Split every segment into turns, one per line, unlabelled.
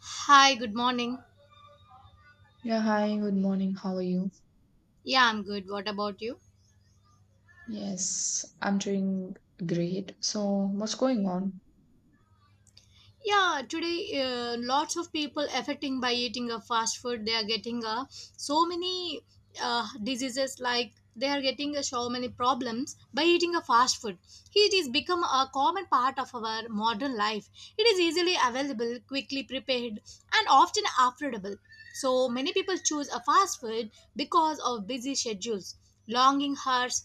Hi, good morning.
Yeah, hi, good morning. How are you?
Yeah, I'm good. What about you?
Yes, I'm doing great. So, what's going on?
Yeah, today lots of people affecting by eating a fast food. They are getting so many diseases like they are getting so many problems by eating a fast food. It is become a common part of our modern life. It is easily available, quickly prepared, and often affordable. So many people choose a fast food because of busy schedules, longing hours.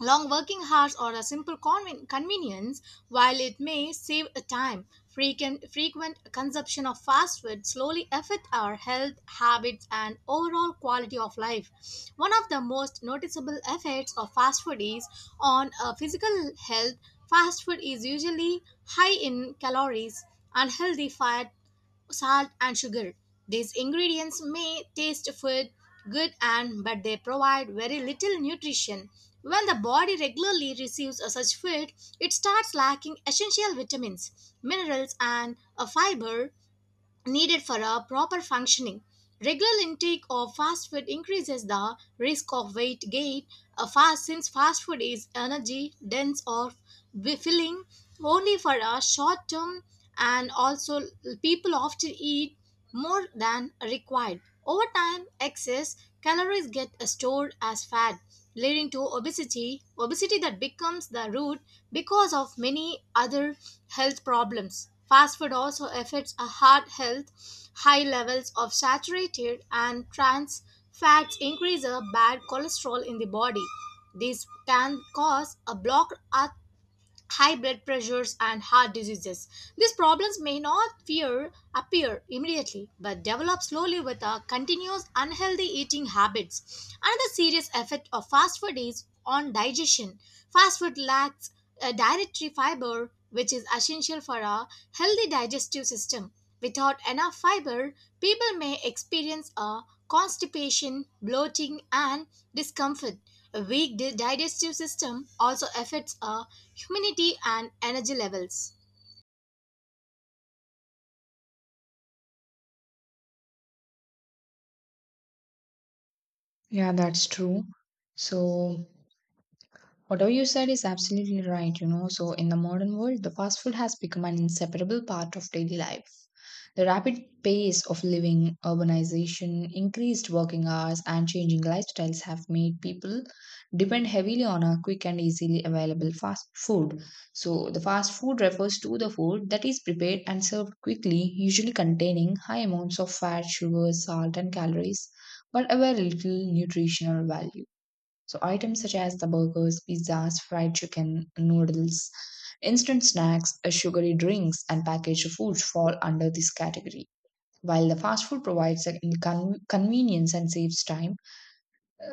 Long working hours are a simple convenience, while it may save a time. Frequent consumption of fast food slowly affect our health, habits, and overall quality of life. One of the most noticeable effects of fast food is on physical health. Fast food is usually high in calories, unhealthy fat, salt and sugar. These ingredients may taste food good and but they provide very little nutrition. When the body regularly receives such food, it starts lacking essential vitamins, minerals and a fiber needed for a proper functioning. Regular intake of fast food increases the risk of weight gain fast since fast food is energy dense or filling only for a short term, and also people often eat more than required. Over time excess calories get stored as fat leading to obesity, obesity that becomes the root because of many other health problems. Fast food also affects a heart health. High levels of saturated and trans fats increase a bad cholesterol in the body. This can cause a blocked artery, high blood pressures and heart diseases. These problems may not fear appear immediately but develop slowly with a continuous unhealthy eating habits. Another serious effect of fast food is on digestion. Fast food lacks dietary fiber which is essential for a healthy digestive system. Without enough fiber, people may experience a constipation, bloating, and discomfort. A weak digestive system also affects our immunity and energy levels.
Yeah, that's true. So, whatever you said is absolutely right, you know. So, in the modern world, the fast food has become an inseparable part of daily life. The rapid pace of living, urbanization, increased working hours, and changing lifestyles have made people depend heavily on a quick and easily available fast food. So, the fast food refers to the food that is prepared and served quickly, usually containing high amounts of fat, sugar, salt, and calories, but a very little nutritional value. So items such as the burgers, pizzas, fried chicken, noodles, instant snacks, sugary drinks, and packaged foods fall under this category. While the fast food provides a convenience and saves time,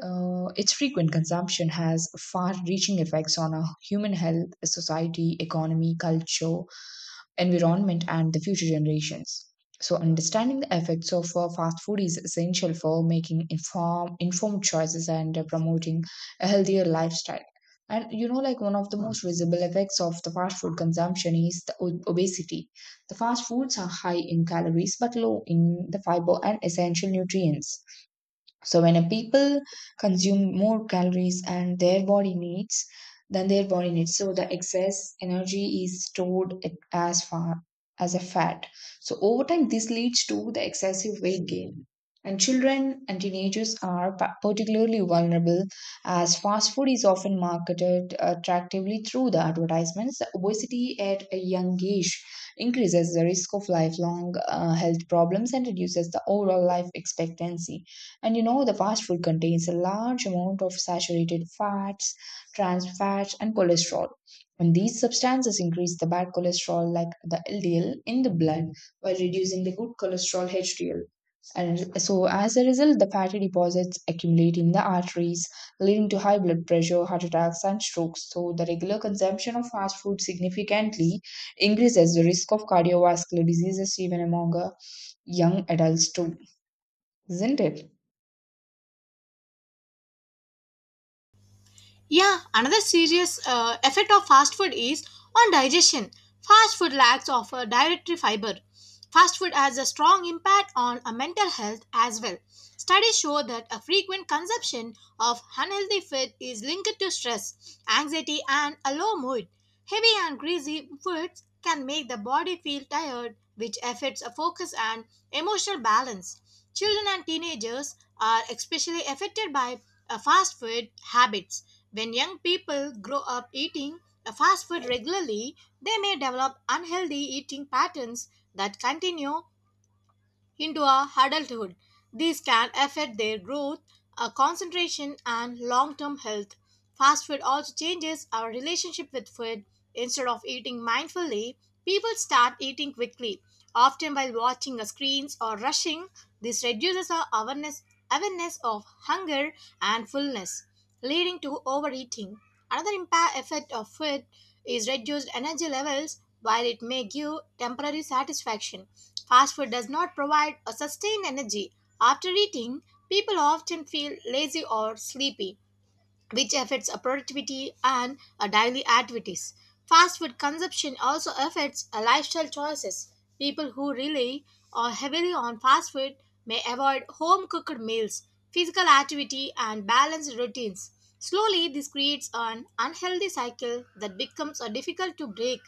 its frequent consumption has far reaching effects on our human health, society, economy, culture, environment and the future generations. So, understanding the effects of fast food is essential for making informed choices and promoting a healthier lifestyle. And you know, like one of the most visible effects of the fast food consumption is the obesity. The fast foods are high in calories but low in the fiber and essential nutrients. So when a people consume more calories and their body needs than their body needs, so the excess energy is stored as far as a fat. So over time, this leads to the excessive weight gain. And children and teenagers are particularly vulnerable as fast food is often marketed attractively through the advertisements. Obesity at a young age increases the risk of lifelong health problems and reduces the overall life expectancy. And you know, the fast food contains a large amount of saturated fats, trans fats, and cholesterol. And these substances increase the bad cholesterol, like the LDL, in the blood while reducing the good cholesterol, HDL. And so, as a result, the fatty deposits accumulate in the arteries, leading to high blood pressure, heart attacks, and strokes. So, the regular consumption of fast food significantly increases the risk of cardiovascular diseases even among young adults, too, isn't it?
Yeah, another serious effect of fast food is on digestion. Fast food lacks of a dietary fiber. Fast food has a strong impact on a mental health as well. Studies show that a frequent consumption of unhealthy food is linked to stress, anxiety, and a low mood. Heavy and greasy foods can make the body feel tired, which affects a focus and emotional balance. Children and teenagers are especially affected by fast food habits. When young people grow up eating fast food regularly, they may develop unhealthy eating patterns that continue into a adulthood. These can affect their growth, concentration, and long term health. Fast food also changes our relationship with food. Instead of eating mindfully, people start eating quickly, often while watching a screens or rushing. This reduces our awareness of hunger and fullness, leading to overeating. Another impact effect of food is reduced energy levels while it may give temporary satisfaction. Fast food does not provide a sustained energy. After eating, people often feel lazy or sleepy which affects our productivity and our daily activities. Fast food consumption also affects our lifestyle choices. People who rely or heavily on fast food may avoid home cooked meals, physical activity, and balanced routines. Slowly, this creates an unhealthy cycle that becomes difficult to break.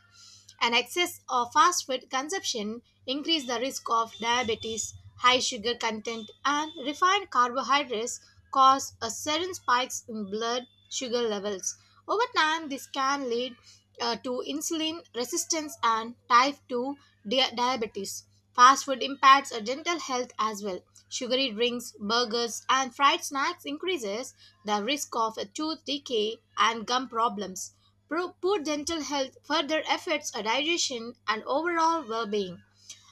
And excess of fast food consumption increase the risk of diabetes. High sugar content and refined carbohydrates cause a sudden spikes in blood sugar levels. Over time this can lead to insulin resistance and type 2 diabetes. Fast food impacts our dental health as well. Sugary drinks, burgers and fried snacks increases the risk of a tooth decay and gum problems. Poor dental health further affects our digestion and overall well-being.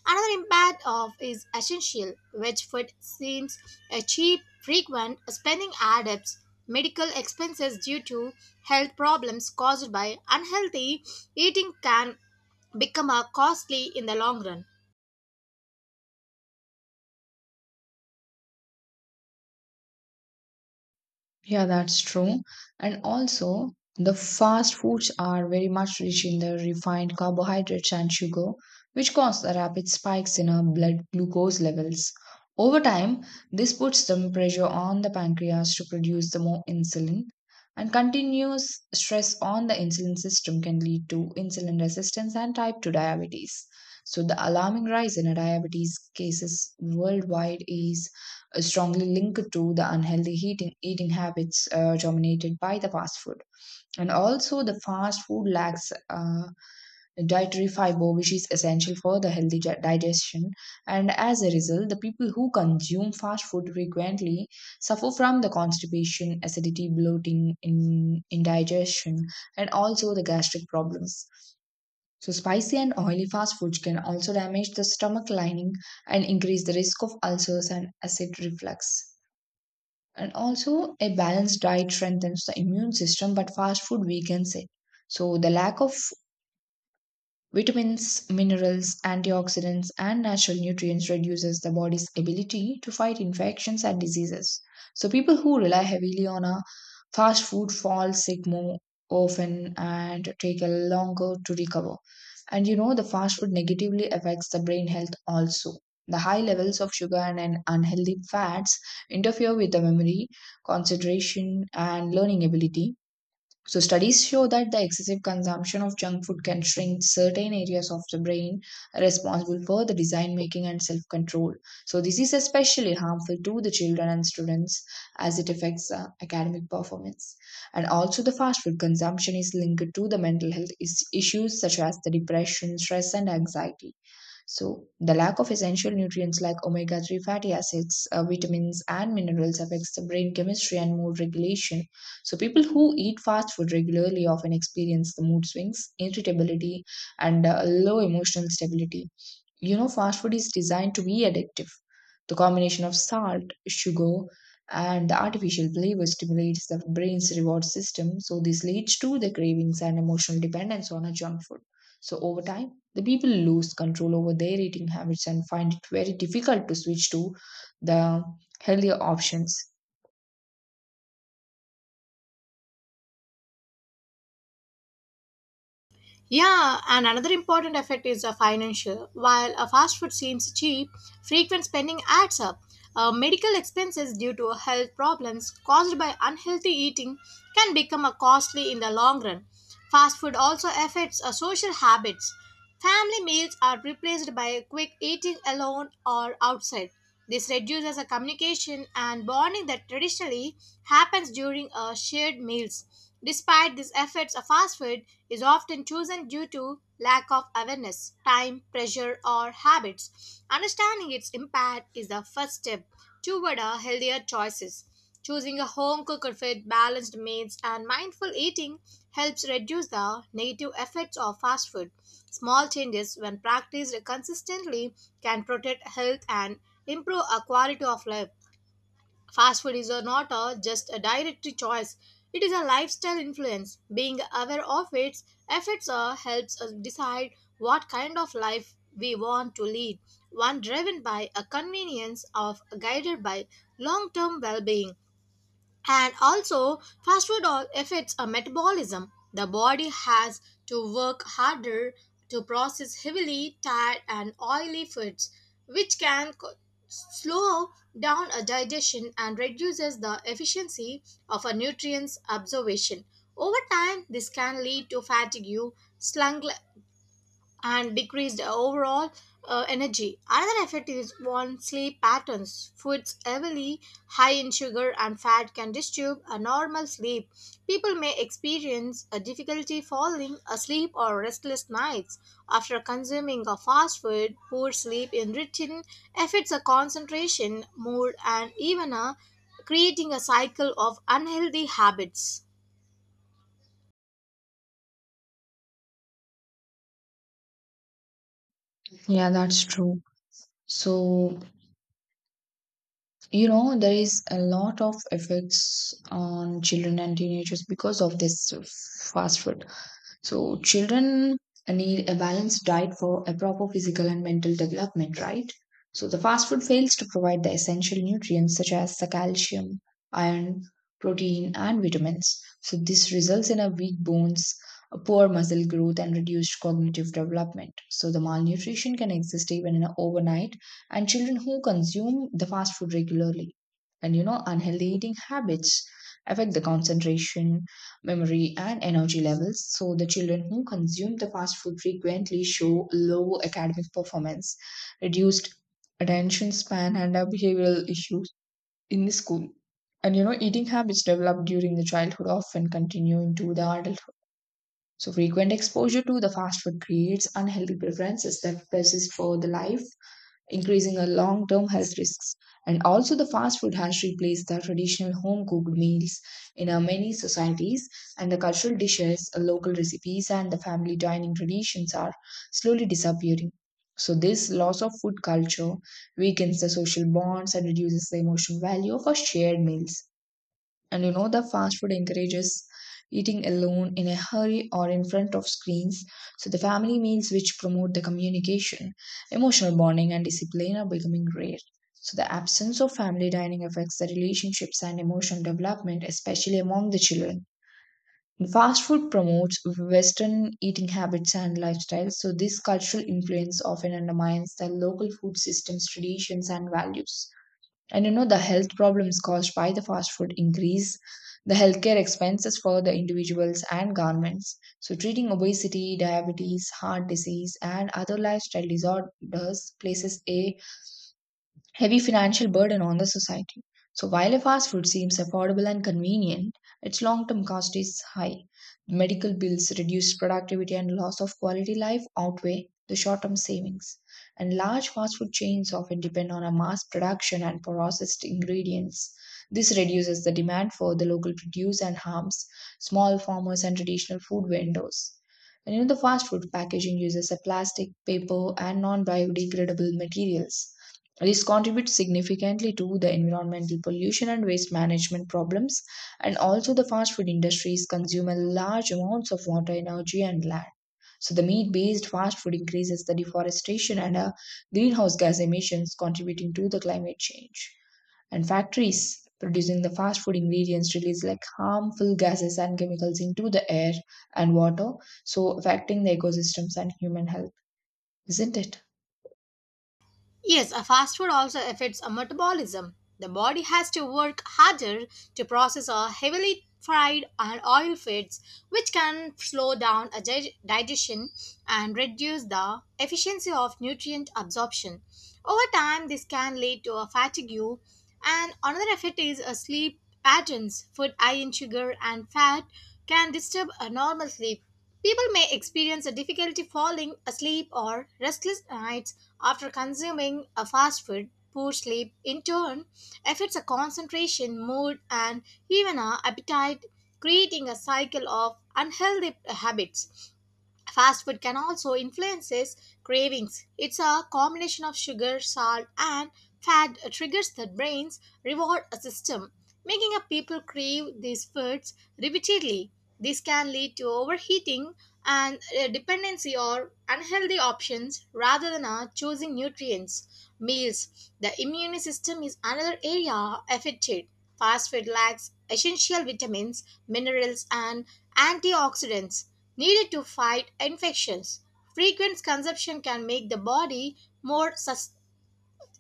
Another impact of is essential, which food seems a cheap, frequent spending adds up. Medical expenses due to health problems caused by unhealthy eating can become a costly in the long run.
Yeah, that's true. And also, the fast foods are very much rich in the refined carbohydrates and sugar, which cause the rapid spikes in our blood glucose levels. Over time, this puts some pressure on the pancreas to produce the more insulin, and continuous stress on the insulin system can lead to insulin resistance and type 2 diabetes. So, the alarming rise in diabetes cases worldwide is strongly linked to the unhealthy eating habits dominated by the fast food. And also, the fast food lacks dietary fiber, which is essential for the healthy digestion. And as a result, the people who consume fast food frequently suffer from the constipation, acidity, bloating, indigestion, and also the gastric problems. So, spicy and oily fast foods can also damage the stomach lining and increase the risk of ulcers and acid reflux. And also, a balanced diet strengthens the immune system, but fast food weakens it. So, the lack of vitamins, minerals, antioxidants, and natural nutrients reduces the body's ability to fight infections and diseases. So people who rely heavily on a fast food fall sick more often and take a longer to recover. And you know the fast food negatively affects the brain health also. The high levels of sugar and an unhealthy fats interfere with the memory, concentration, and learning ability so, studies show that the excessive consumption of junk food can shrink certain areas of the brain responsible for the design making and self control. So, this is especially harmful to the children and students as it affects academic performance. And also, the fast food consumption is linked to the mental health issues such as the depression, stress, and anxiety. So, the lack of essential nutrients like omega 3 fatty acids, vitamins, and minerals affects the brain chemistry and mood regulation. So, people who eat fast food regularly often experience the mood swings, irritability, and low emotional stability. You know, fast food is designed to be addictive. The combination of salt, sugar, and the artificial flavor stimulates the brain's reward system, so this leads to the cravings and emotional dependence on a junk food. So over time, the people lose control over their eating habits and find it very difficult to switch to the healthier options.
Yeah, and another important effect is a financial. While a fast food seems cheap, frequent spending adds up. Medical expenses due to health problems caused by unhealthy eating can become a costly in the long run. Fast food also affects our social habits. Family meals are replaced by quick eating alone or outside. This reduces the communication and bonding that traditionally happens during shared meals. Despite these efforts, a fast food is often chosen due to lack of awareness, time, pressure, or habits. Understanding its impact is the first step to what are healthier choices. Choosing a home cooked food, balanced meals, and mindful eating helps reduce the negative effects of fast food. Small changes, when practiced consistently, can protect health and improve our quality of life. Fast food is a not a, just a direct choice. It is a lifestyle influence. Being aware of its effects helps us decide what kind of life we want to lead. One driven by a convenience of guided by long-term well-being. And also, fast food affects our metabolism. The body has to work harder to process heavily, tired, and oily foods, which can slow down a digestion and reduces the efficiency of a nutrients absorption. Over time, this can lead to fatigue, slung and decreased overall energy. Another effect is on sleep patterns. Foods heavily high in sugar and fat can disturb a normal sleep. People may experience a difficulty falling asleep or restless nights after consuming a fast food. Poor sleep in return affects a concentration, mood, and even a creating a cycle of unhealthy habits.
Yeah, that's true. So, you know, there is a lot of effects on children and teenagers because of this fast food. So children need a balanced diet for a proper physical and mental development, right? So the fast food fails to provide the essential nutrients such as the calcium, iron, protein, and vitamins. So this results in a weak bones, a poor muscle growth, and reduced cognitive development. So the malnutrition can exist even in a overnight, and children who consume the fast food regularly, and you know unhealthy eating habits affect the concentration memory, and energy levels. So, the children who consume the fast food frequently show low academic performance, reduced attention span, and behavioral issues in the school. And you know, eating habits developed during the childhood often continue into the adulthood. So, frequent exposure to the fast food creates unhealthy preferences that persist for the life increasing our long term health risks. And also, the fast food has replaced the traditional home cooked meals in our many societies, and the cultural dishes, local recipes, and the family dining traditions are slowly disappearing. So, this loss of food culture weakens the social bonds and reduces the emotional value of our shared meals. And you know, the fast food encourages eating alone in a hurry or in front of screens. So the family meals which promote the communication, emotional bonding, and discipline are becoming rare. So the absence of family dining affects the relationships and emotional development, especially among the children. Fast food promotes Western eating habits and lifestyles, so this cultural influence often undermines the local food system's traditions and values. And you know, the health problems caused by the fast food increase the healthcare expenses for the individuals and governments. So, treating obesity, diabetes, heart disease, and other lifestyle disorders places a heavy financial burden on the society. So while a fast food seems affordable and convenient, its long-term cost is high. Medical bills, reduced productivity, and loss of quality life outweigh the short-term savings. And large fast food chains often depend on a mass production and processed ingredients. This reduces the demand for the local produce and harms small farmers and traditional food vendors. And you know, the fast food packaging uses a plastic, paper, and non-biodegradable materials this contributes significantly to the environmental pollution and waste management problems, and also the fast food industries consume a large amounts of water, energy, and land. So the meat-based fast food increases the deforestation and greenhouse gas emissions, contributing to the climate change. And factories producing the fast food ingredients release like harmful gases and chemicals into the air and water, so affecting the ecosystems and human health, isn't it?
Yes, a fast food also affects our metabolism. The body has to work harder to process our heavily fried and oil foods, which can slow down a digestion and reduce the efficiency of nutrient absorption. Over time, this can lead to a fatigue. And another effect is a sleep patterns. Food high in sugar and fat can disturb a normal sleep. People may experience a difficulty falling asleep or restless nights after consuming a fast food. Poor sleep, in turn, affects a concentration, mood, and even our appetite, creating a cycle of unhealthy habits. Fast food can also influences cravings. It's a combination of sugar, salt, and fat that triggers the brain's reward system, making up people crave these foods repeatedly. This can lead to overheating and dependency or unhealthy options rather than choosing nutrients. Meals. The immune system is another area affected. Fast food lacks essential vitamins, minerals, and antioxidants needed to fight infections. Frequent consumption can make the body more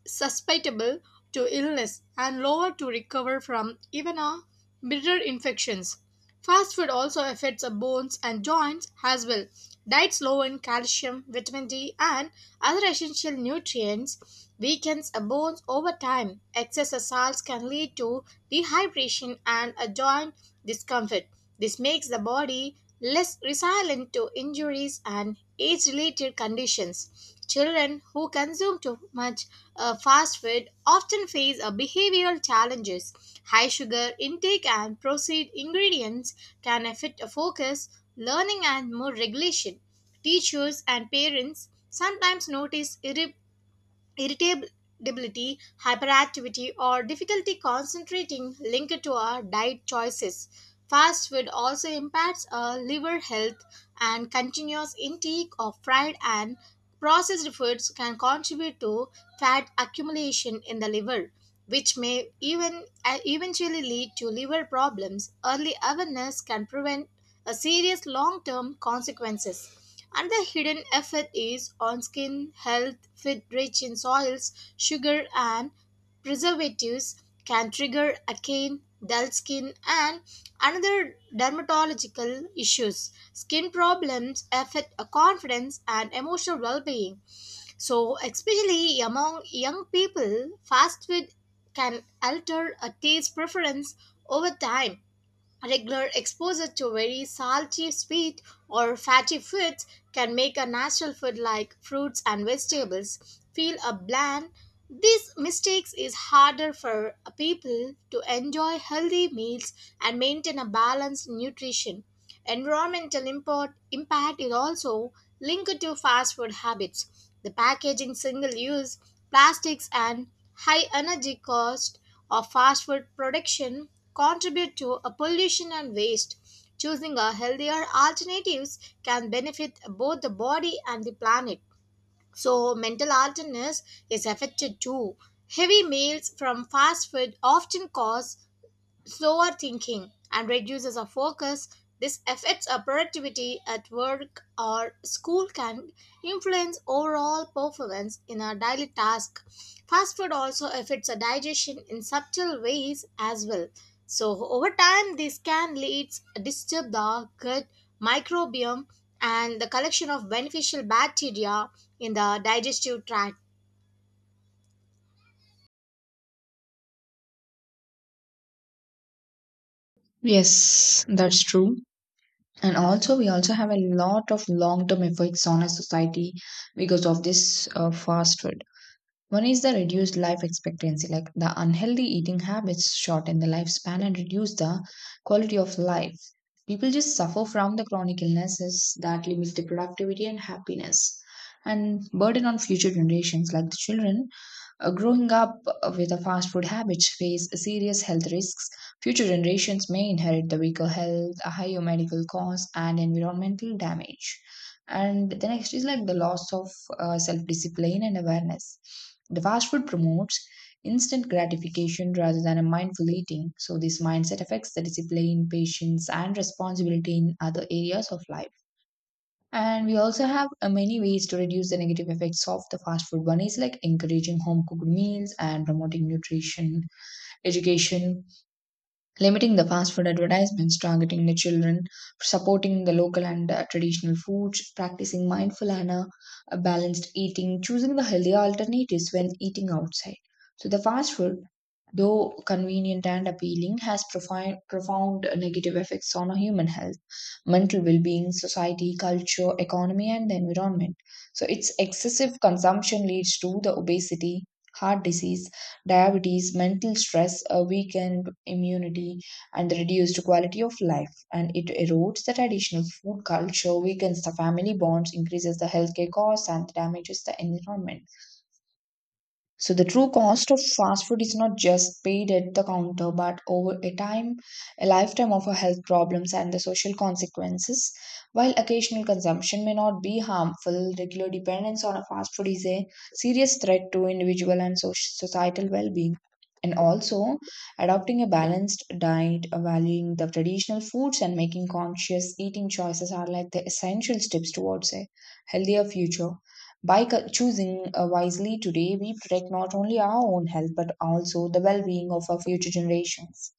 susceptible to illness and lower to recover from even a minor infections. Fast food also affects our bones and joints as well. Diets low in calcium, vitamin D, and other essential nutrients weakens our bones over time. Excess salts can lead to dehydration and a joint discomfort. This makes the body less resilient to injuries and age related conditions. Children who consume too much fast food often face behavioral challenges. High sugar intake and processed ingredients can affect focus, learning, and mood regulation. Teachers and parents sometimes notice irritability, hyperactivity, or difficulty concentrating linked to our diet choices. Fast food also impacts our liver health, and continuous intake of fried and processed foods can contribute to fat accumulation in the liver, which may even eventually lead to liver problems. Early awareness can prevent a serious long-term consequences. Another hidden effect is on skin health. Food rich in soils, sugar, and preservatives can trigger acne, dull skin, and another dermatological issues. Skin problems affect a confidence and emotional well-being. So, especially among young people, fast food can alter a taste preference over time. Regular exposure to very salty, sweet, or fatty foods can make a natural food like fruits and vegetables feel a bland. These mistakes is harder for people to enjoy healthy meals and maintain a balanced nutrition. Impact is also linked to fast food habits. The packaging, single use plastics, and high energy cost of fast food production contribute to a pollution and waste. Choosing a healthier alternatives can benefit both the body and the planet. So mental alertness is affected too. Heavy meals from fast food often cause slower thinking and reduces our focus. This affects our productivity at work or school can influence overall performance in our daily task. Fast food also affects our digestion in subtle ways as well. So over time this can lead to disturb the gut microbiome and the collection of beneficial bacteria in the digestive tract.
Yes, that's true. And also we also have a lot of long term effects on our society because of this fast food. One is the reduced life expectancy like the unhealthy eating habits shorten the lifespan and reduce the quality of life. People just suffer from the chronic illnesses that limits the productivity and happiness and burden on future generations like the children growing up with a fast food habit face serious health risks. Future generations may inherit the weaker health, a higher medical costs, and environmental damage. And the next is like the loss of self discipline and awareness. The fast food promotes instant gratification rather than a mindful eating. So, this mindset affects the discipline, patience, and responsibility in other areas of life. And we also have many ways to reduce the negative effects of the fast food. One is like encouraging home cooked meals and promoting nutrition education limiting the fast food advertisements targeting the children, supporting the local and traditional foods, practicing mindful and balanced eating, choosing the healthier alternatives when eating outside. So, the fast food, though convenient and appealing, has profound negative effects on our human health, mental well being, society, culture, economy, and the environment. So, its excessive consumption leads to the obesity, heart disease diabetes, mental stress, a weakened immunity, and the reduced quality of life. And it erodes the traditional food culture, weakens the family bonds, increases the healthcare costs, and damages the environment. So the true cost of fast food is not just paid at the counter, but over a time, a lifetime of our health problems and the social consequences. While occasional consumption may not be harmful, regular dependence on a fast food is a serious threat to individual and societal well-being. And also, adopting a balanced diet, valuing the traditional foods, and making conscious eating choices are like the essential steps towards a healthier future. Choosing wisely today, we protect not only our own health but also the well being of our future generations.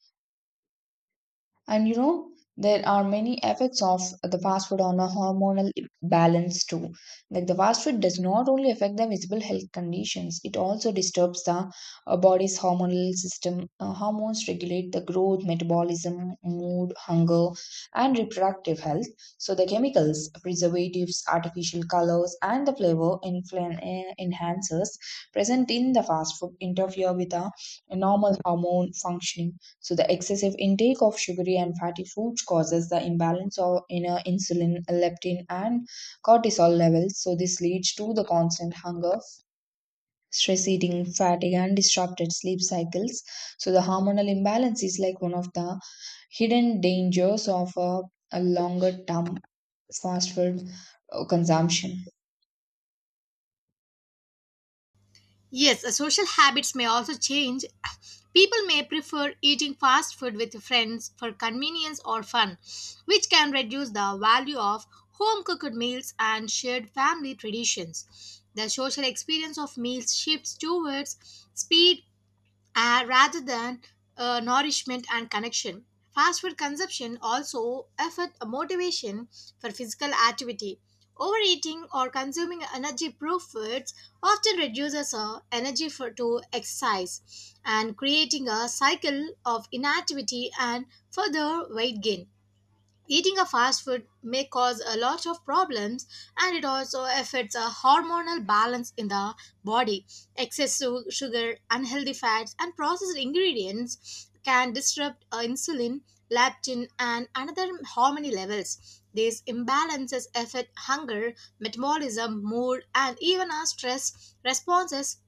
And you know, there are many effects of the fast food on a hormonal balance too. Like the fast food does not only affect the visible health conditions, it also disturbs the body's hormonal system. Hormones regulate the growth, metabolism, mood, hunger, and reproductive health. So the chemicals, preservatives, artificial colors, and the flavor enhancers present in the fast food interfere with the normal hormone functioning. So, the excessive intake of sugary and fatty foods causes the imbalance of inner insulin, leptin, and cortisol levels. So, this leads to the constant hunger, stress eating, fatigue, and disrupted sleep cycles. So, the hormonal imbalance is like one of the hidden dangers of a longer term fast food consumption.
Yes, social habits may also change. People may prefer eating fast food with friends for convenience or fun, which can reduce the value of home cooked meals and shared family traditions. The social experience of meals shifts towards speed, rather than nourishment and connection. Fast food consumption also affect motivation for physical activity. Overeating or consuming energy-proof foods often reduces our energy for to exercise and creating a cycle of inactivity and further weight gain. Eating a fast food may cause a lot of problems and it also affects a hormonal balance in the body. Excess sugar, unhealthy fats, and processed ingredients can disrupt insulin, leptin, and another hormone levels. These imbalances affect hunger, metabolism, mood, and even our stress responses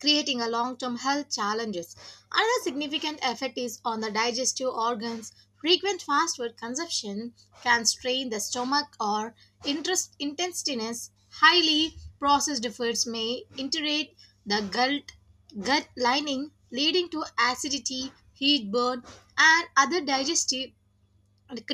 creating a long-term health challenges. Another significant effect is on the digestive organs. Frequent fast food consumption can strain the stomach or intestines. Highly processed foods may irritate the gut lining, leading to acidity, heat burn, and other digestive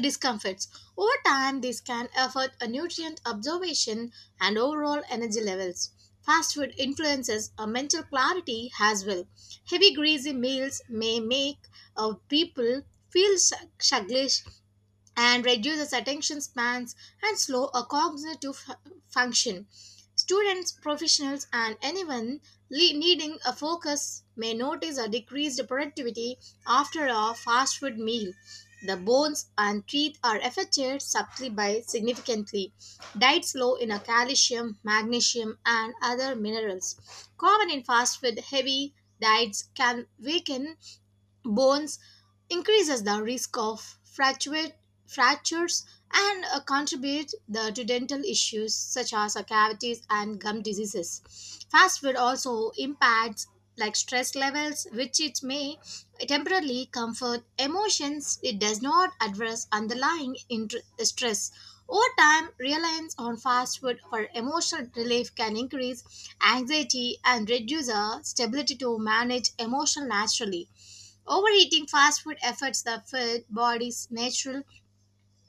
discomforts. Over time, this can affect a nutrient absorption and overall energy levels. Fast food influences a mental clarity as well. Heavy, greasy meals may make people feel sluggish and reduces attention spans and slow a cognitive function. Students, professionals, and anyone needing a focus may notice a decreased productivity after a fast food meal. The bones and teeth are affected subtly by significantly. Diets low in a calcium, magnesium, and other minerals. Common in fast food heavy diets can weaken bones increases the risk of fractures and contribute to dental issues such as cavities and gum diseases. Fast food also impacts like stress levels, which it may temporarily comfort emotions. It does not address underlying stress. Over time, reliance on fast food for emotional relief can increase anxiety and reduce the stability to manage emotion naturally. Overeating fast food affects the food body's natural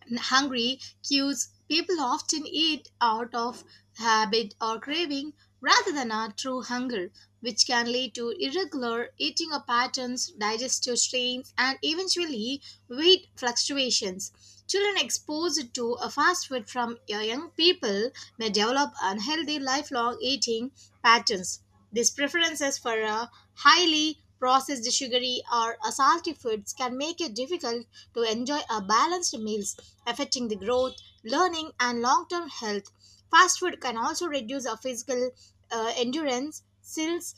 and hungry cues. People often eat out of habit or craving rather than a true hunger, which can lead to irregular eating or patterns, digestive strains, and eventually weight fluctuations. Children exposed to a fast food from young people may develop unhealthy lifelong eating patterns these preferences for a highly processed, sugary, or a salty foods can make it difficult to enjoy a balanced meals, affecting the growth, learning, and long-term health. Fast food can also reduce our physical endurance, skills,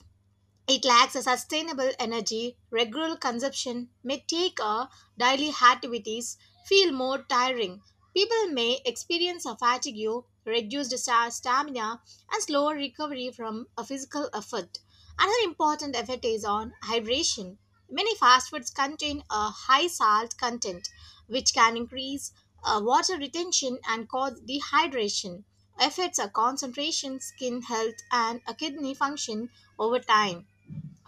it lacks a sustainable energy. Regular consumption may take our daily activities feel more tiring. People may experience a fatigue, reduced stamina, and slower recovery from a physical effort. Another important effect is on hydration. Many fast foods contain a high salt content, which can increase water retention and cause dehydration. Affects our concentration, skin health, and a kidney function over time.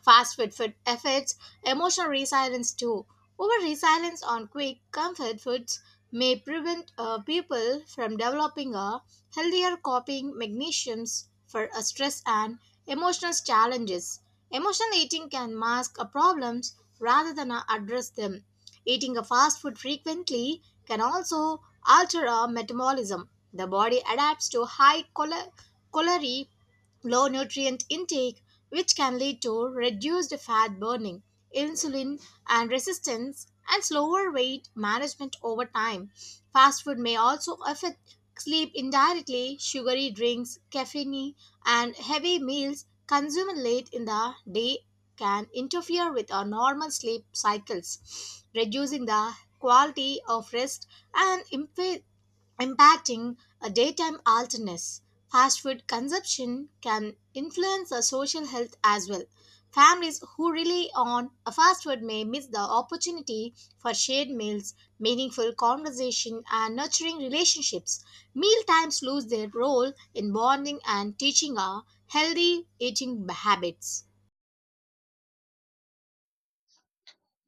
Fast food affects emotional resilience too. Over reliance on quick comfort foods may prevent people from developing a healthier coping mechanisms for stress and emotional challenges. Emotional eating can mask problems rather than address them. Eating a fast food frequently can also alter our metabolism. The body adapts to high calorie low nutrient intake, which can lead to reduced fat burning, insulin and resistance, and slower weight management over time. Fast food may also affect sleep indirectly. Sugary drinks, caffeine, and heavy meals consumed late in the day can interfere with our normal sleep cycles, reducing the quality of rest and impacting a daytime alertness. Fast food consumption can influence our social health as well. Families who rely on a fast food may miss the opportunity for shared meals, meaningful conversation, and nurturing relationships. Mealtimes lose their role in bonding and teaching our healthy eating habits.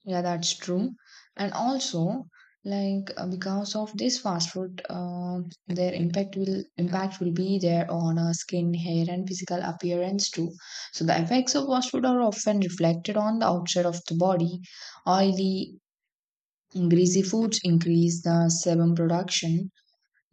Yeah, that's true. And also, like because of this fast food, their impact will be there on our skin, hair, and physical appearance too. So the effects of fast food are often reflected on the outside of the body. Oily, greasy foods increase the sebum production,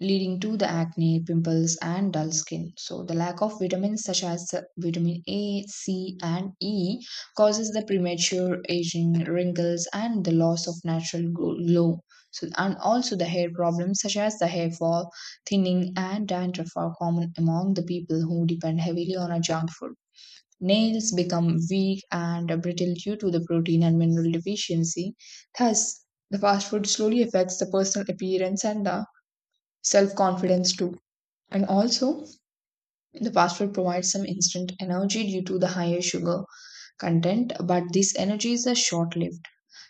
leading to the acne, pimples, and dull skin. So, the lack of vitamins such as vitamin A, C, and E causes the premature aging, wrinkles, and the loss of natural glow. So, and also the hair problems such as the hair fall, thinning, and dandruff are common among the people who depend heavily on a junk food. Nails become weak and brittle due to the protein and mineral deficiency. Thus, the fast food slowly affects the personal appearance and the self confidence too. And also, the fast food provides some instant energy due to the higher sugar content, but this energy is a short lived.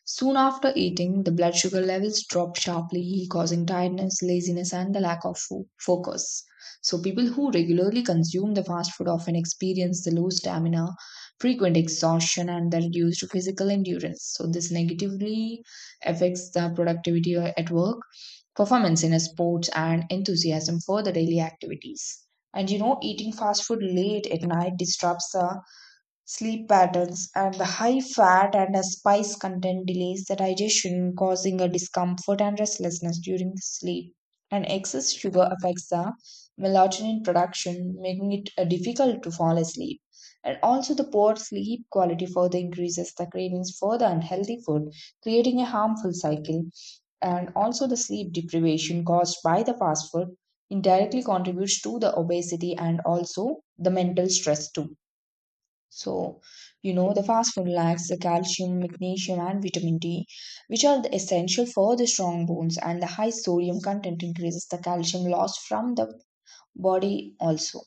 Soon after eating, the blood sugar levels drop sharply, causing tiredness, laziness, and the lack of focus. So, people who regularly consume the fast food often experience the low stamina, frequent exhaustion, and the reduced physical endurance. So, this negatively affects the productivity at work, performance in sports, and enthusiasm for the daily activities. And you know, eating fast food late at night disrupts the sleep patterns, and the high fat and the spice content delays the digestion, causing a discomfort and restlessness during the sleep. And excess sugar affects the melatonin production, making it difficult to fall asleep. And also, the poor sleep quality further increases the cravings for the unhealthy food, creating a harmful cycle. And also, the sleep deprivation caused by the fast food indirectly contributes to the obesity and also the mental stress too. So, you know, the fast food lacks the calcium, magnesium, and vitamin D, which are the essential for the strong bones, and the high sodium content increases the calcium loss from the body also.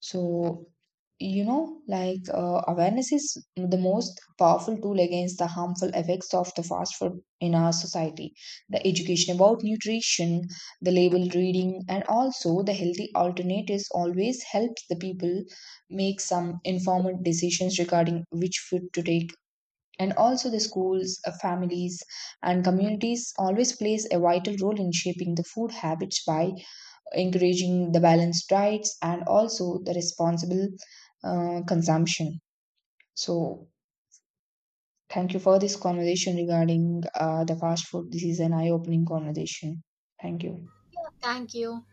So, you know, like awareness is the most powerful tool against the harmful effects of the fast food in our society. The education about nutrition, the label reading, and also the healthy alternatives always helps the people make some informed decisions regarding which food to take. And also, the schools, families, and communities always plays a vital role in shaping the food habits by encouraging the balanced diets and also the responsible consumption. So, thank you for this conversation regarding the fast food. This is an eye opening conversation. Thank you.
Thank you.